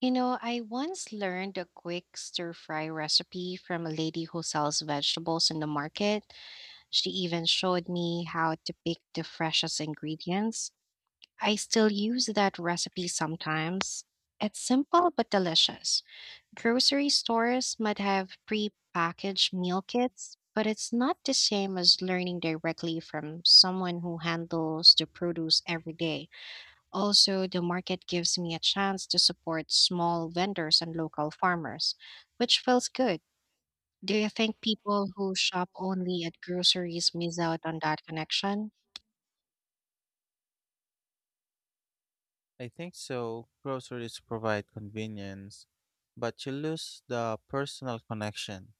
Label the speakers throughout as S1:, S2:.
S1: You know, I once learned a quick stir fry recipe from a lady who sells vegetables in the market. She even showed me how to pick the freshest ingredients. I still use that recipe sometimes. It's simple but delicious. Grocery stores might have pre-packaged meal kits, but it's not the same as learning directly from someone who handles the produce every day. Also, the market gives me a chance to support small vendors and local farmers, which feels good. Do you think people who shop only at groceries miss out on that connection?
S2: I think so. Groceries provide convenience, but you lose the personal connection.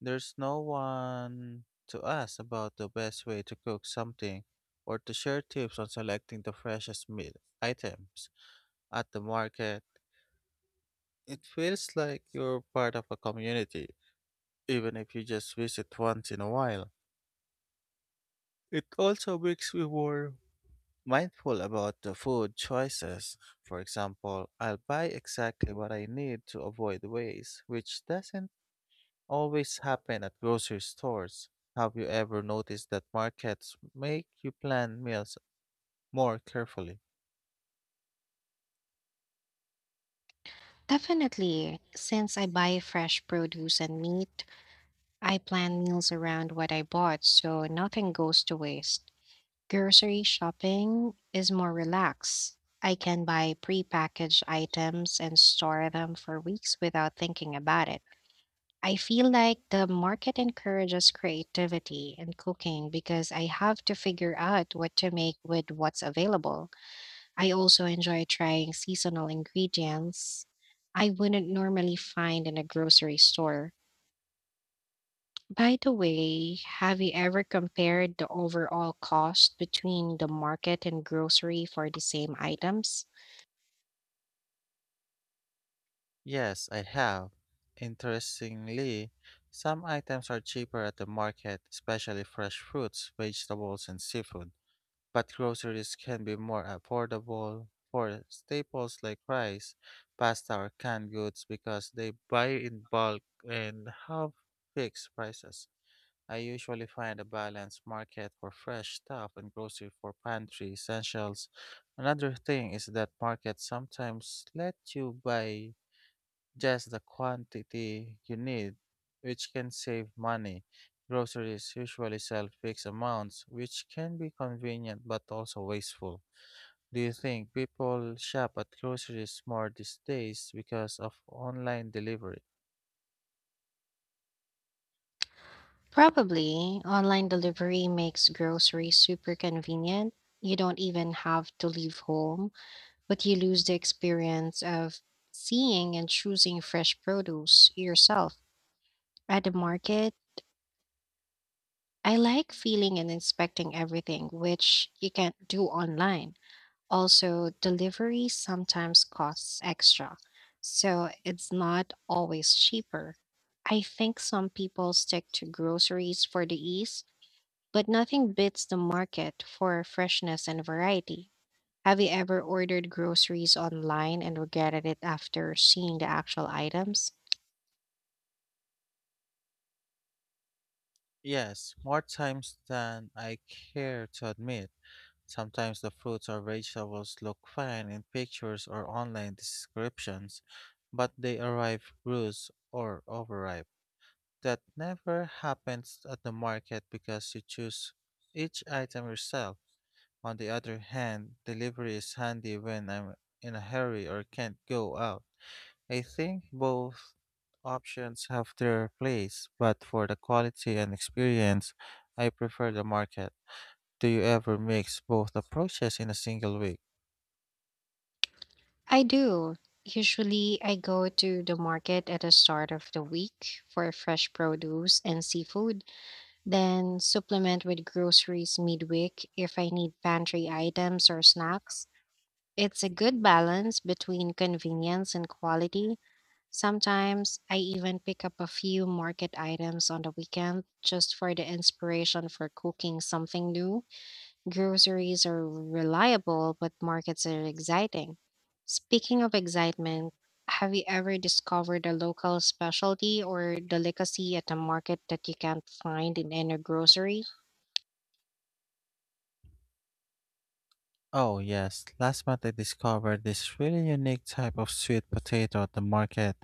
S2: There's no one to ask about the best way to cook something or to share tips on selecting the freshest meal items at the market. It feels like you're part of a community, even if you just visit once in a while. It also makes me more mindful about the food choices. For example, I'll buy exactly what I need to avoid waste, which doesn't always happen at grocery stores. Have you ever noticed that markets make you plan meals more carefully?
S1: Definitely. Since I buy fresh produce and meat, I plan meals around what I bought so nothing goes to waste. Grocery shopping is more relaxed. I can buy prepackaged items and store them for weeks without thinking about it. I feel like the market encourages creativity in cooking because I have to figure out what to make with what's available. I also enjoy trying seasonal ingredients I wouldn't normally find in a grocery store. By the way, have you ever compared the overall cost between the market and grocery for the same items?
S2: Yes, I have. Interestingly, some items are cheaper at the market, especially fresh fruits, vegetables, and seafood. But groceries can be more affordable for staples like rice, pasta, or canned goods because they buy in bulk and have fixed prices. I usually find a balanced market for fresh stuff and grocery for pantry essentials. Another thing is that markets sometimes let you buy just the quantity you need, which can save money. Groceries usually sell fixed amounts, which can be convenient but also wasteful. Do you think people shop at groceries more these days because of online delivery?
S1: Probably. Online delivery makes groceries super convenient. You don't even have to leave home but you lose the experience of seeing and choosing fresh produce yourself. At the market, I like feeling and inspecting everything, which you can't do online. Also, delivery sometimes costs extra, so it's not always cheaper. I think some people stick to groceries for the ease, but nothing beats the market for freshness and variety. Have you ever ordered groceries online and regretted it after seeing the actual items?
S2: Yes, more times than I care to admit. Sometimes the fruits or vegetables look fine in pictures or online descriptions, but they arrive bruised or overripe. That never happens at the market because you choose each item yourself. On the other hand, delivery is handy when I'm in a hurry or can't go out. I think both options have their place, but for the quality and experience, I prefer the market. Do you ever mix both approaches in a single week?
S1: I do. Usually, I go to the market at the start of the week for fresh produce and seafood, then supplement with groceries midweek if I need pantry items or snacks. It's a good balance between convenience and quality. Sometimes I even pick up a few market items on the weekend just for the inspiration for cooking something new. Groceries are reliable, but markets are exciting. Speaking of excitement, have you ever discovered a local specialty or delicacy at a market that you can't find in any grocery?
S2: Oh, yes. Last month I discovered this really unique type of sweet potato at the market.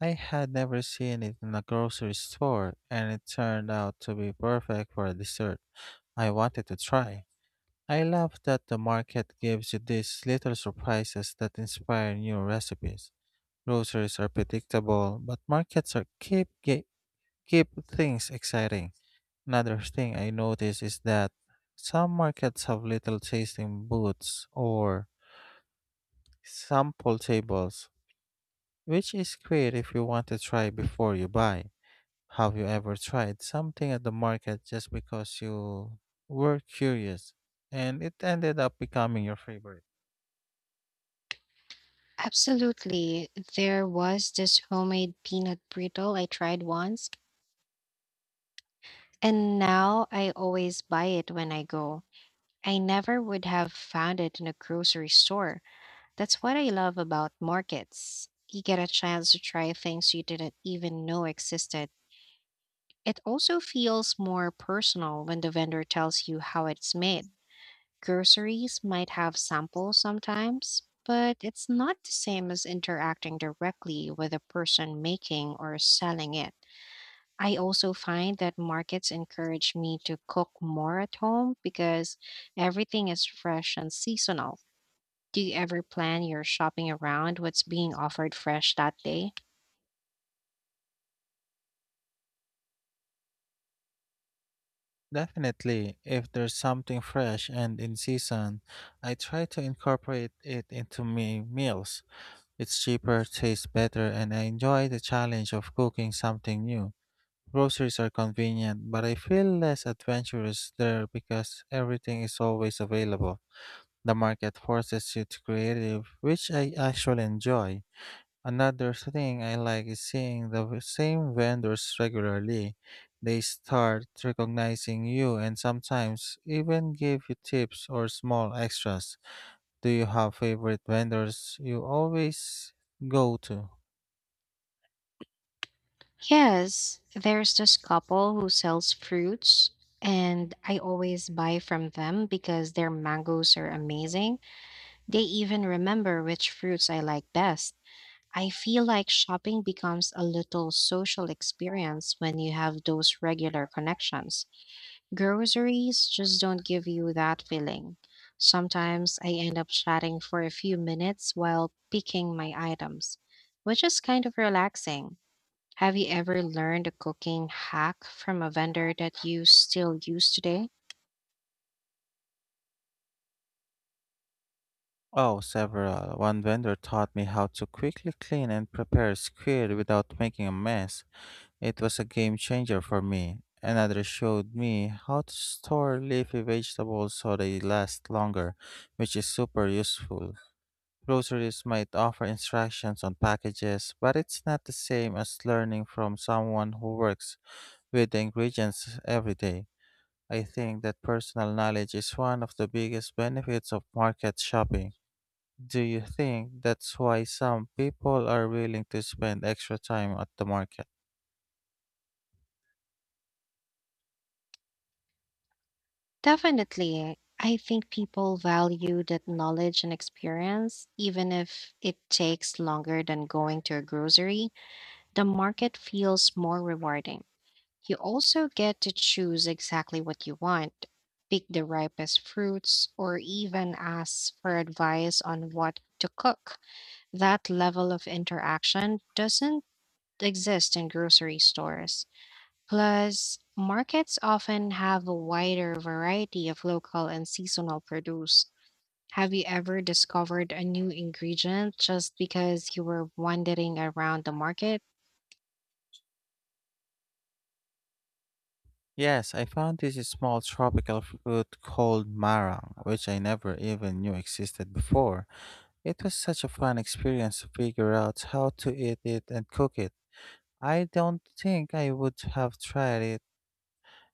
S2: I had never seen it in a grocery store, and it turned out to be perfect for a dessert I wanted to try. I love that the market gives you these little surprises that inspire new recipes. Groceries are predictable, but markets are keep things exciting. Another thing I notice is that some markets have little tasting booths or sample tables, which is great if you want to try before you buy. Have you ever tried something at the market just because you were curious and it ended up becoming your favorite?
S1: Absolutely. There was this homemade peanut brittle I tried once, and now I always buy it when I go. I never would have found it in a grocery store. That's what I love about markets. You get a chance to try things you didn't even know existed. It also feels more personal when the vendor tells you how it's made. Groceries might have samples sometimes, but it's not the same as interacting directly with the person making or selling it. I also find that markets encourage me to cook more at home because everything is fresh and seasonal. Do you ever plan your shopping around what's being offered fresh that day?
S2: Definitely, if there's something fresh and in season, I try to incorporate it into my meals. It's cheaper, tastes better, and I enjoy the challenge of cooking something new. Groceries are convenient, but I feel less adventurous there because everything is always available. The market forces you to creative, which I actually enjoy. Another thing I like is seeing the same vendors regularly. They start recognizing you and sometimes even give you tips or small extras. Do you have favorite vendors you always go to?
S1: Yes, there's this couple who sells fruits, and I always buy from them because their mangoes are amazing. They even remember which fruits I like best. I feel like shopping becomes a little social experience when you have those regular connections. Groceries just don't give you that feeling. Sometimes I end up chatting for a few minutes while picking my items, which is kind of relaxing. Have you ever learned a cooking hack from a vendor that you still use today?
S2: Oh, several. One vendor taught me how to quickly clean and prepare squid without making a mess. It was a game changer for me. Another showed me how to store leafy vegetables so they last longer, which is super useful. Groceries might offer instructions on packages, but it's not the same as learning from someone who works with the ingredients every day. I think that personal knowledge is one of the biggest benefits of market shopping. Do you think that's why some people are willing to spend extra time at the market?
S1: Definitely. I think people value that knowledge and experience, even if it takes longer than going to a grocery. The market feels more rewarding. You also get to choose exactly what you want, pick the ripest fruits, or even ask for advice on what to cook. That level of interaction doesn't exist in grocery stores. Plus, markets often have a wider variety of local and seasonal produce. Have you ever discovered a new ingredient just because you were wandering around the market?
S2: Yes, I found this small tropical fruit called marang, which I never even knew existed before. It was such a fun experience to figure out how to eat it and cook it. I don't think I would have tried it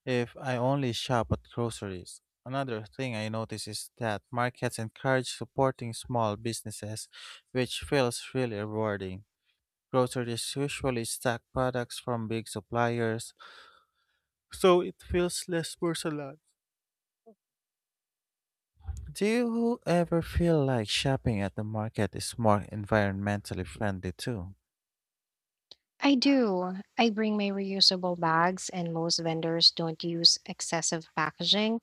S2: if I only shop at groceries. Another thing I notice is that markets encourage supporting small businesses, which feels really rewarding. Groceries usually stack products from big suppliers, so it feels less personal. Do you ever feel like shopping at the market is more environmentally friendly too?
S1: I do. I bring my reusable bags, and most vendors don't use excessive packaging,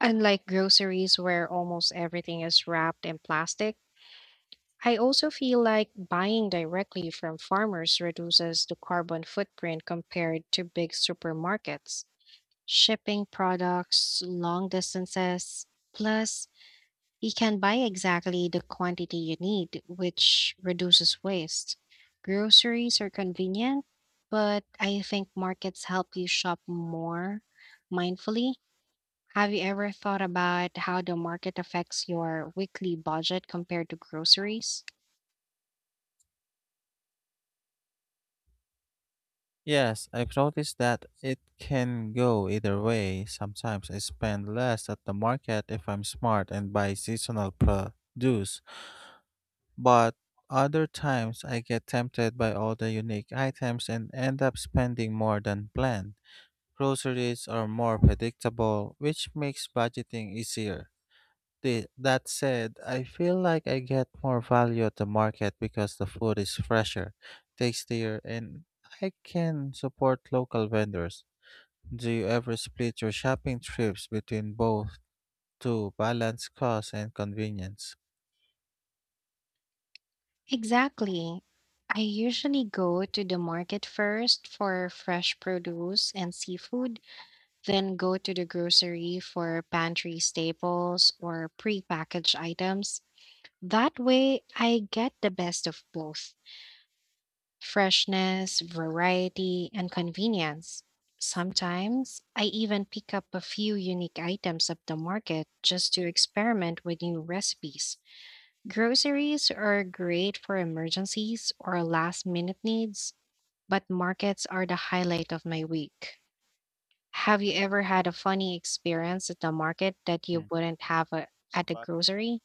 S1: unlike groceries where almost everything is wrapped in plastic. I also feel like buying directly from farmers reduces the carbon footprint compared to big supermarkets. Shipping products long distances, plus you can buy exactly the quantity you need, which reduces waste. Groceries are convenient, but I think markets help you shop more mindfully. Have you ever thought about how the market affects your weekly budget compared to groceries?
S2: Yes, I've noticed that it can go either way. Sometimes I spend less at the market if I'm smart and buy seasonal produce, but other times I get tempted by all the unique items and end up spending more than planned. Groceries are more predictable, which makes budgeting easier. That said, I feel like I get more value at the market because the food is fresher, tastier, and I can support local vendors. Do you ever split your shopping trips between both to balance cost and convenience?
S1: Exactly. I usually go to the market first for fresh produce and seafood, then go to the grocery for pantry staples or prepackaged items. That way, I get the best of both freshness, variety, and convenience. Sometimes I even pick up a few unique items at the market just to experiment with new recipes. Groceries are great for emergencies or last minute needs, but markets are the highlight of my week. Have you ever had a funny experience at the market that
S2: Hmm.
S1: you wouldn't have at the
S2: But
S1: grocery?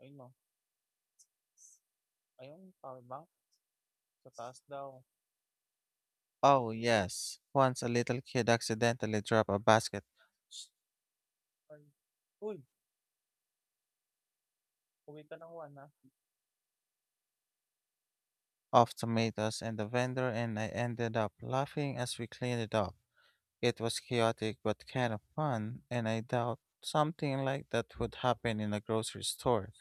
S2: ayun no, ayun tawag ba? Sa taas daw. Oh, yes. Once a little kid accidentally dropped a basket. Shh, ay. Uy, uwi ka ng one of tomatoes and the vendor, and I ended up laughing as we cleaned it up. It was chaotic but kind of fun, and I doubt something like that would happen in a grocery store.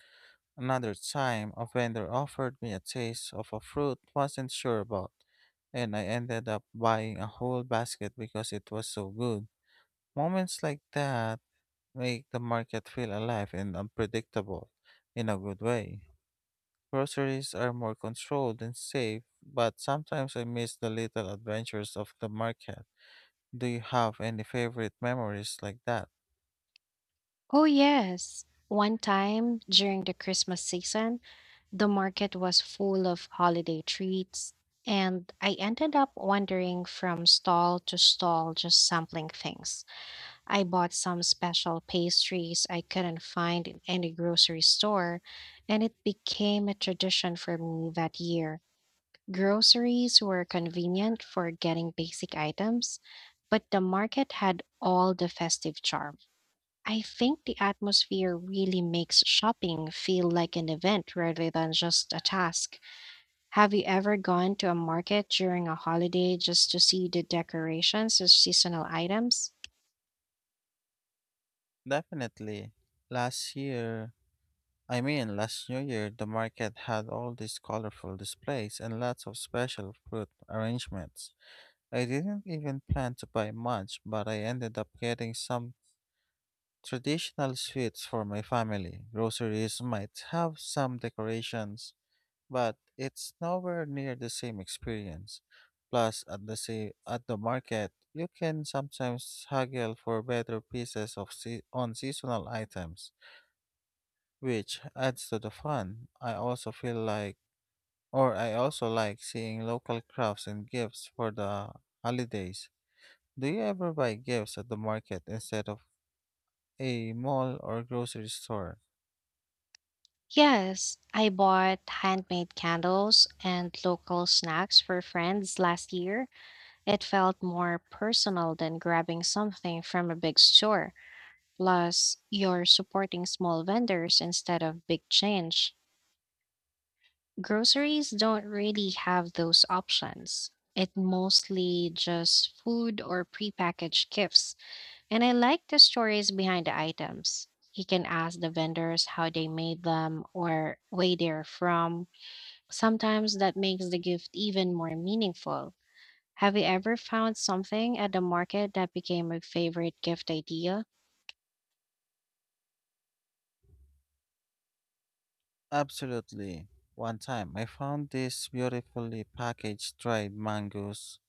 S2: Another time, a vendor offered me a taste of a fruit I wasn't sure about, and I ended up buying a whole basket because it was so good. Moments like that make the market feel alive and unpredictable in a good way. Groceries are more controlled and safe, but sometimes I miss the little adventures of the market. Do you have any favorite memories like that?
S1: Oh, yes. One time during the Christmas season, the market was full of holiday treats, and I ended up wandering from stall to stall just sampling things. I bought some special pastries I couldn't find in any grocery store, and it became a tradition for me that year. Groceries were convenient for getting basic items, but the market had all the festive charm. I think the atmosphere really makes shopping feel like an event rather than just a task. Have you ever gone to a market during a holiday just to see the decorations of seasonal items?
S2: Definitely. Last year, I mean, last New Year, the market had all these colorful displays and lots of special fruit arrangements. I didn't even plan to buy much, but I ended up getting some traditional sweets for my family. Groceries might have some decorations but it's nowhere near the same experience. Plus, at the market, you can sometimes haggle for better pieces on seasonal items, which adds to the fun. I also feel like, or I also like seeing local crafts and gifts for the holidays. Do you ever buy gifts at the market instead of a mall or grocery store?
S1: Yes, I bought handmade candles and local snacks for friends last year. It felt more personal than grabbing something from a big store. Plus, you're supporting small vendors instead of big change. Groceries don't really have those options. It mostly just food or prepackaged gifts. And I like the stories behind the items. You can ask the vendors how they made them or where they're from. Sometimes that makes the gift even more meaningful. Have you ever found something at the market that became a favorite gift idea?
S2: Absolutely. One time, I found these beautifully packaged dried mangoes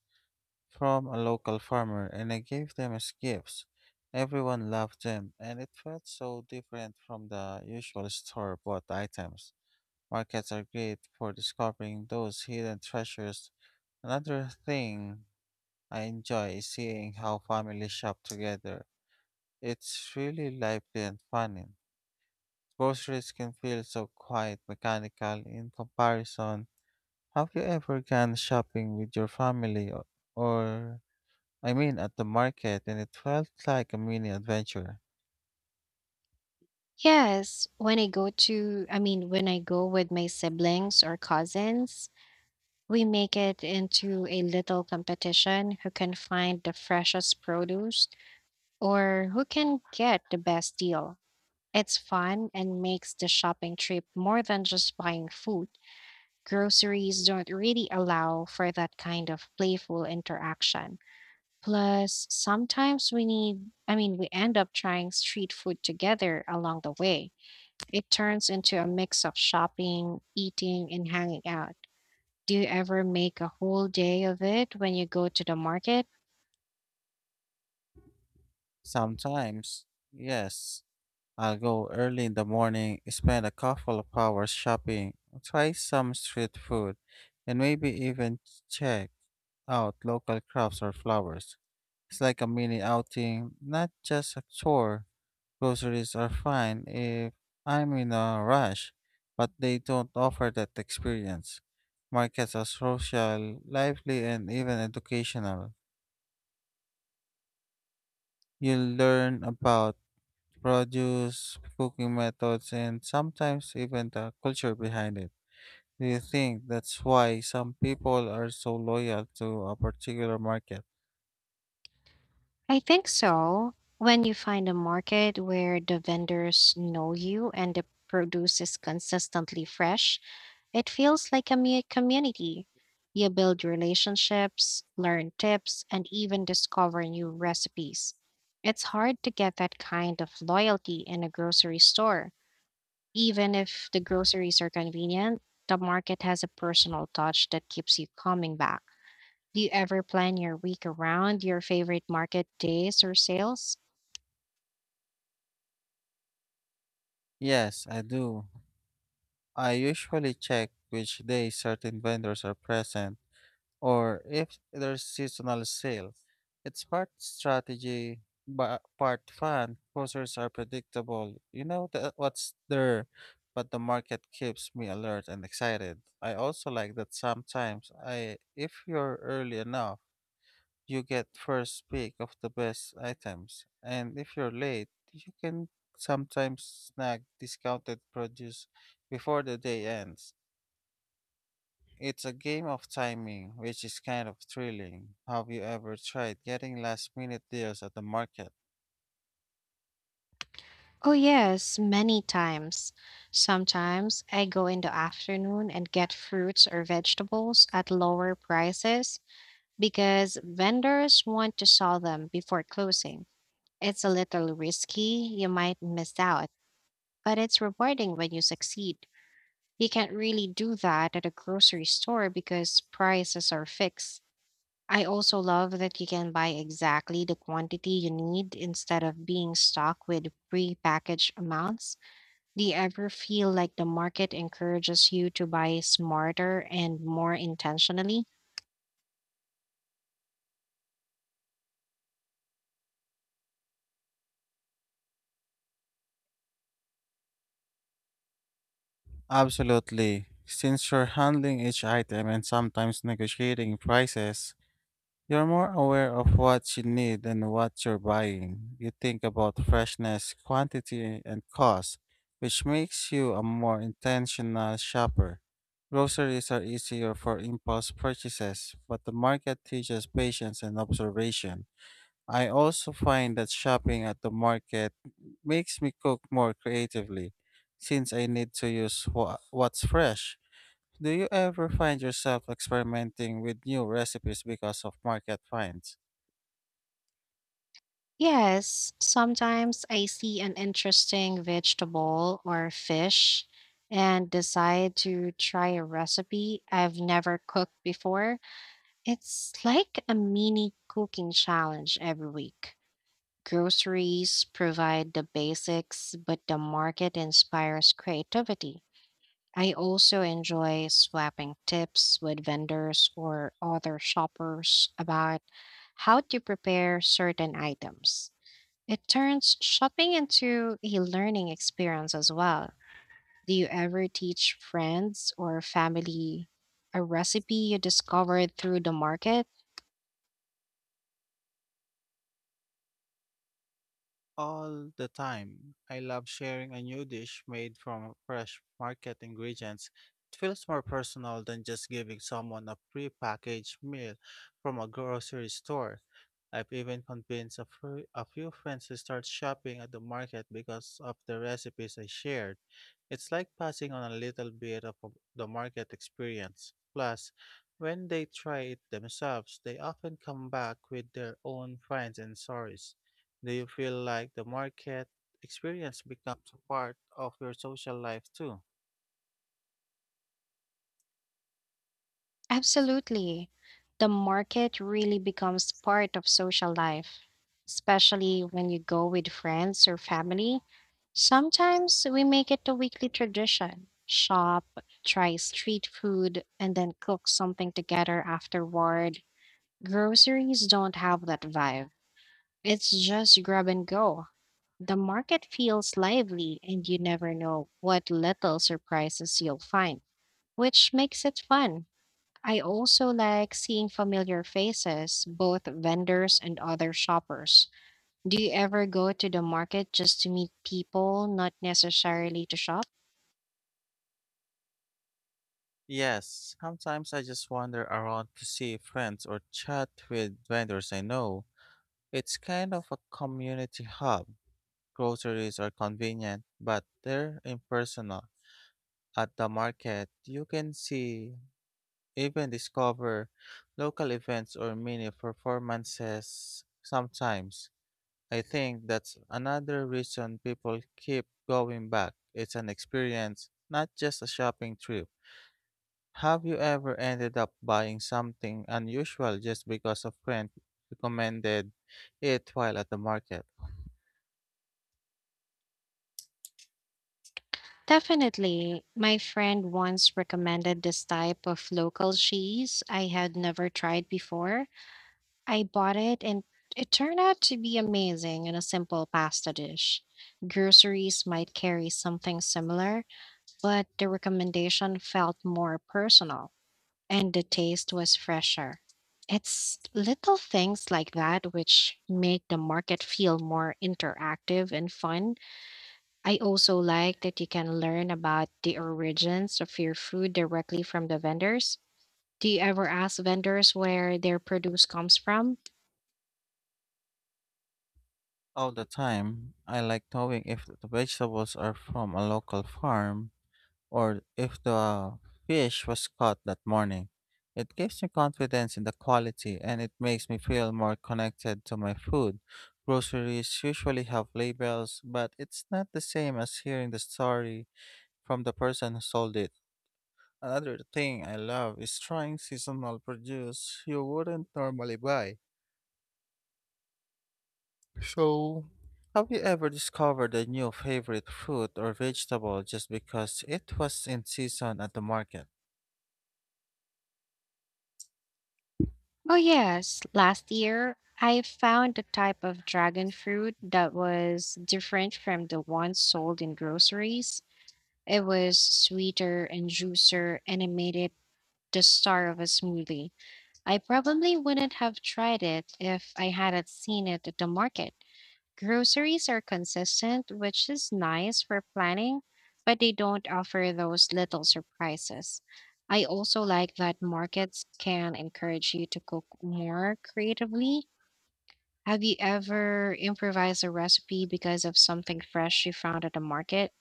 S2: from a local farmer, and I gave them as gifts. Everyone loved them, and it felt so different from the usual store bought items. Markets are great for discovering those hidden treasures. Another thing I enjoy is seeing how families shop together. It's really lively and funny. Groceries can feel so quiet, mechanical in comparison. Have you ever gone shopping with your family or, I mean, at the market, and it felt like a mini adventure.
S1: Yes, when I go to, I mean, when I go with my siblings or cousins, we make it into a little competition who can find the freshest produce or who can get the best deal. It's fun and makes the shopping trip more than just buying food. Groceries don't really allow for that kind of playful interaction. Plus, sometimes we end up trying street food together along the way. It turns into a mix of shopping, eating, and hanging out. Do you ever make a whole day of it when you go to the market?
S2: Sometimes, yes, I'll go early in the morning, spend a couple of hours shopping, try some street food, and maybe even check out local crops or flowers. It's like a mini outing, not just a chore. Groceries are fine if I'm in a rush, but they don't offer that experience. Markets are social, lively, and even educational. You'll learn about produce, cooking methods, and sometimes even the culture behind it. Do you think that's why some people are so loyal to a particular market?
S1: I think so. When you find a market where the vendors know you and the produce is consistently fresh, it feels like a community. You build relationships, learn tips, and even discover new recipes. It's hard to get that kind of loyalty in a grocery store. Even if the groceries are convenient, the market has a personal touch that keeps you coming back. Do you ever plan your week around your favorite market days or sales?
S2: Yes, I do. I usually check which days certain vendors are present or if there's seasonal sale. It's part strategy, but part fun. Closers are predictable. You know the, what's there, but the market keeps me alert and excited. I also like that sometimes I, if you're early enough, you get first pick of the best items, and if you're late, you can sometimes snag discounted produce before the day ends. It's a game of timing, which is kind of thrilling. Have you ever tried getting last minute deals at the market?
S1: Oh, yes, many times. Sometimes I go in the afternoon and get fruits or vegetables at lower prices because vendors want to sell them before closing. It's a little risky, you might miss out, but it's rewarding when you succeed. You can't really do that at a grocery store because prices are fixed. I also love that you can buy exactly the quantity you need instead of being stuck with pre-packaged amounts. Do you ever feel like the market encourages you to buy smarter and more intentionally?
S2: Absolutely. Since you're handling each item and sometimes negotiating prices, you're more aware of what you need and what you're buying. You think about freshness, quantity, and cost, which makes you a more intentional shopper. Groceries are easier for impulse purchases, but the market teaches patience and observation. I also find that shopping at the market makes me cook more creatively since I need to use what's fresh. Do you ever find yourself experimenting with new recipes because of market finds?
S1: Yes, sometimes I see an interesting vegetable or fish and decide to try a recipe I've never cooked before. It's like a mini cooking challenge every week. Groceries provide the basics, but the market inspires creativity. I also enjoy swapping tips with vendors or other shoppers about how to prepare certain items. It turns shopping into a learning experience as well. Do you ever teach friends or family a recipe you discovered through the market?
S2: All the time. I love sharing a new dish made from fresh market ingredients. It feels more personal than just giving someone a prepackaged meal from a grocery store. I've even convinced a few friends to start shopping at the market because of the recipes I shared. It's like passing on a little bit of the market experience. Plus, when they try it themselves, they often come back with their own finds and stories. Do you feel like the market experience becomes a part of your social life too?
S1: Absolutely. The market really becomes part of social life, especially when you go with friends or family. Sometimes we make it a weekly tradition shop, try street food, and then cook something together afterward. Groceries don't have that vibe. It's just grab and go. The market feels lively, and you never know what little surprises you'll find, which makes it fun. I also like seeing familiar faces, both vendors and other shoppers. Do you ever go to the market just to meet people, not necessarily to shop?
S2: Yes, sometimes I just wander around to see friends or chat with vendors I know. It's kind of a community hub. Groceries are convenient, but they're impersonal. At the market, you can see, even discover local events or mini performances sometimes. I think that's another reason people keep going back. It's an experience, not just a shopping trip. Have you ever ended up buying something unusual just because a friend recommended it while at the market?
S1: Definitely. My friend once recommended this type of local cheese I had never tried before. I bought it and it turned out to be amazing in a simple pasta dish. Groceries might carry something similar, but the recommendation felt more personal, and the taste was fresher. It's little things like that which make the market feel more interactive and fun. I also like that you can learn about the origins of your food directly from the vendors. Do you ever ask vendors where their produce comes from?
S2: All the time, I like knowing if the vegetables are from a local farm or if the fish was caught that morning. It gives me confidence in the quality and it makes me feel more connected to my food. Groceries usually have labels, but it's not the same as hearing the story from the person who sold it. Another thing I love is trying seasonal produce you wouldn't normally buy. So, have you ever discovered a new favorite fruit or vegetable just because it was in season at the market?
S1: Oh, yes. Last year, I found a type of dragon fruit that was different from the ones sold in groceries. It was sweeter and juicier, and it made it the star of a smoothie. I probably wouldn't have tried it if I hadn't seen it at the market. Groceries are consistent, which is nice for planning, but they don't offer those little surprises. I also like that markets can encourage you to cook more creatively. Have you ever improvised a recipe because of something fresh you found at the market?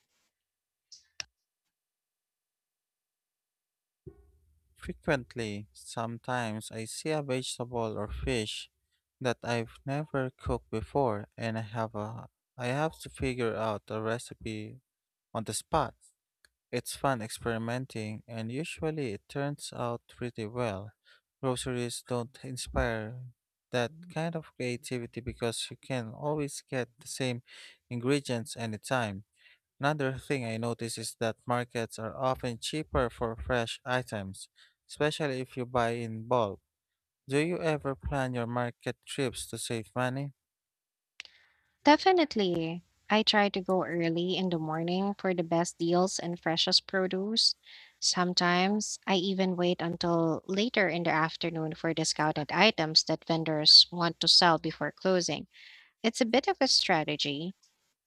S2: Frequently, sometimes I see a vegetable or fish that I've never cooked before and I have a I have to figure out a recipe on the spot. It's fun experimenting and usually it turns out pretty well. Groceries don't inspire that kind of creativity because you can always get the same ingredients anytime. Another thing I notice is that markets are often cheaper for fresh items, especially if you buy in bulk. Do you ever plan your market trips to save money?
S1: Definitely. I try to go early in the morning for the best deals and freshest produce. Sometimes I even wait until later in the afternoon for discounted items that vendors want to sell before closing. It's a bit of a strategy,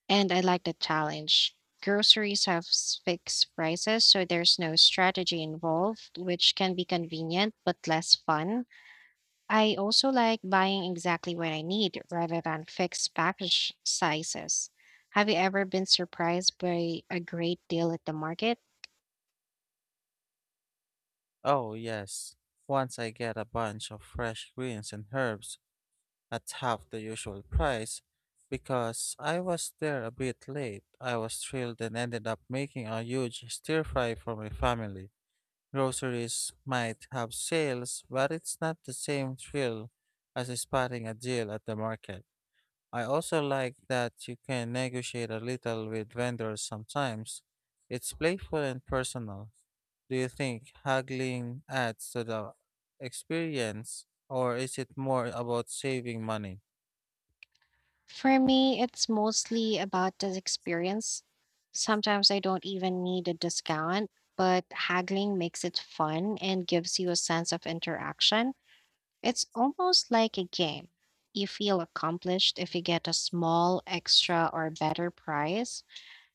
S1: and I like the challenge. Groceries have fixed prices, so there's no strategy involved, which can be convenient but less fun. I also like buying exactly what I need rather than fixed package sizes. Have you ever been surprised by a great deal at the market?
S2: Oh, yes. Once I get a bunch of fresh greens and herbs at half the usual price, because I was there a bit late, I was thrilled and ended up making a huge stir fry for my family. Groceries might have sales, but it's not the same thrill as spotting a deal at the market. I also like that you can negotiate a little with vendors sometimes. It's playful and personal. Do you think haggling adds to the experience, or is it more about saving money?
S1: For me, it's mostly about the experience. Sometimes I don't even need a discount, but haggling makes it fun and gives you a sense of interaction. It's almost like a game. You feel accomplished if you get a small, extra, or better price.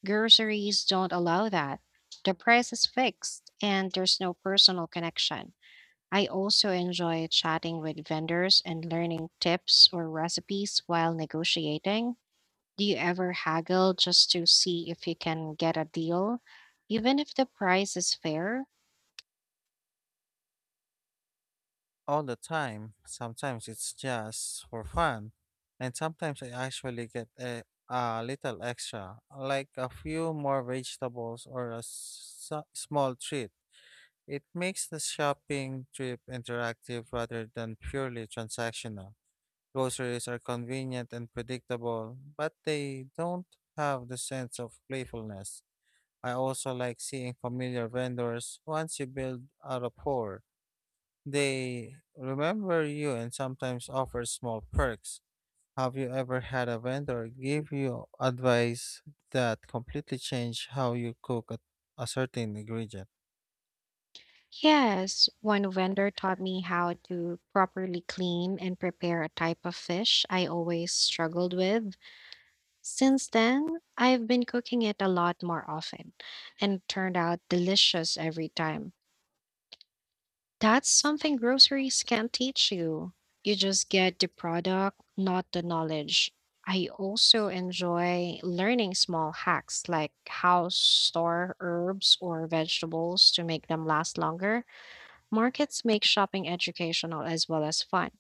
S1: Groceries don't allow that. The price is fixed and there's no personal connection. I also enjoy chatting with vendors and learning tips or recipes while negotiating. Do you ever haggle just to see if you can get a deal, even if the price is fair?
S2: All the time. Sometimes it's just for fun, and sometimes I actually get a little extra, like a few more vegetables or a small treat. It makes the shopping trip interactive rather than purely transactional. Groceries are convenient and predictable, but they don't have the sense of playfulness. I also like seeing familiar vendors once you build a rapport. They remember you and sometimes offer small perks. Have you ever had a vendor give you advice that completely changed how you cook a certain ingredient?
S1: Yes, one vendor taught me how to properly clean and prepare a type of fish I always struggled with. Since then, I've been cooking it a lot more often and it turned out delicious every time. That's something groceries can't teach you. You just get the product, not the knowledge. I also enjoy learning small hacks like how store herbs or vegetables to make them last longer. Markets make shopping educational as well as fun.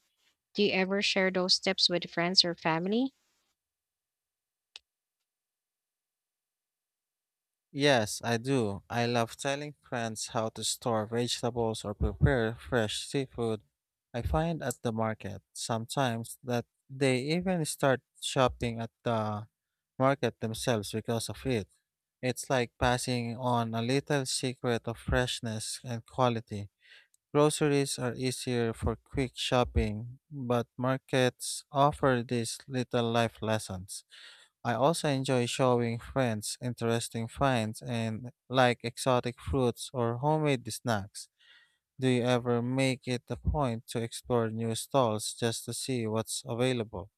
S1: Do you ever share those tips with friends or family?
S2: Yes, I do. I love telling friends how to store vegetables or prepare fresh seafood I find at the market. Sometimes that they even start shopping at the market themselves because of it. It's like passing on a little secret of freshness and quality. Groceries are easier for quick shopping, but markets offer these little life lessons. I also enjoy showing friends interesting finds and like exotic fruits or homemade snacks. Do you ever make it a point to explore new stalls just to see what's available?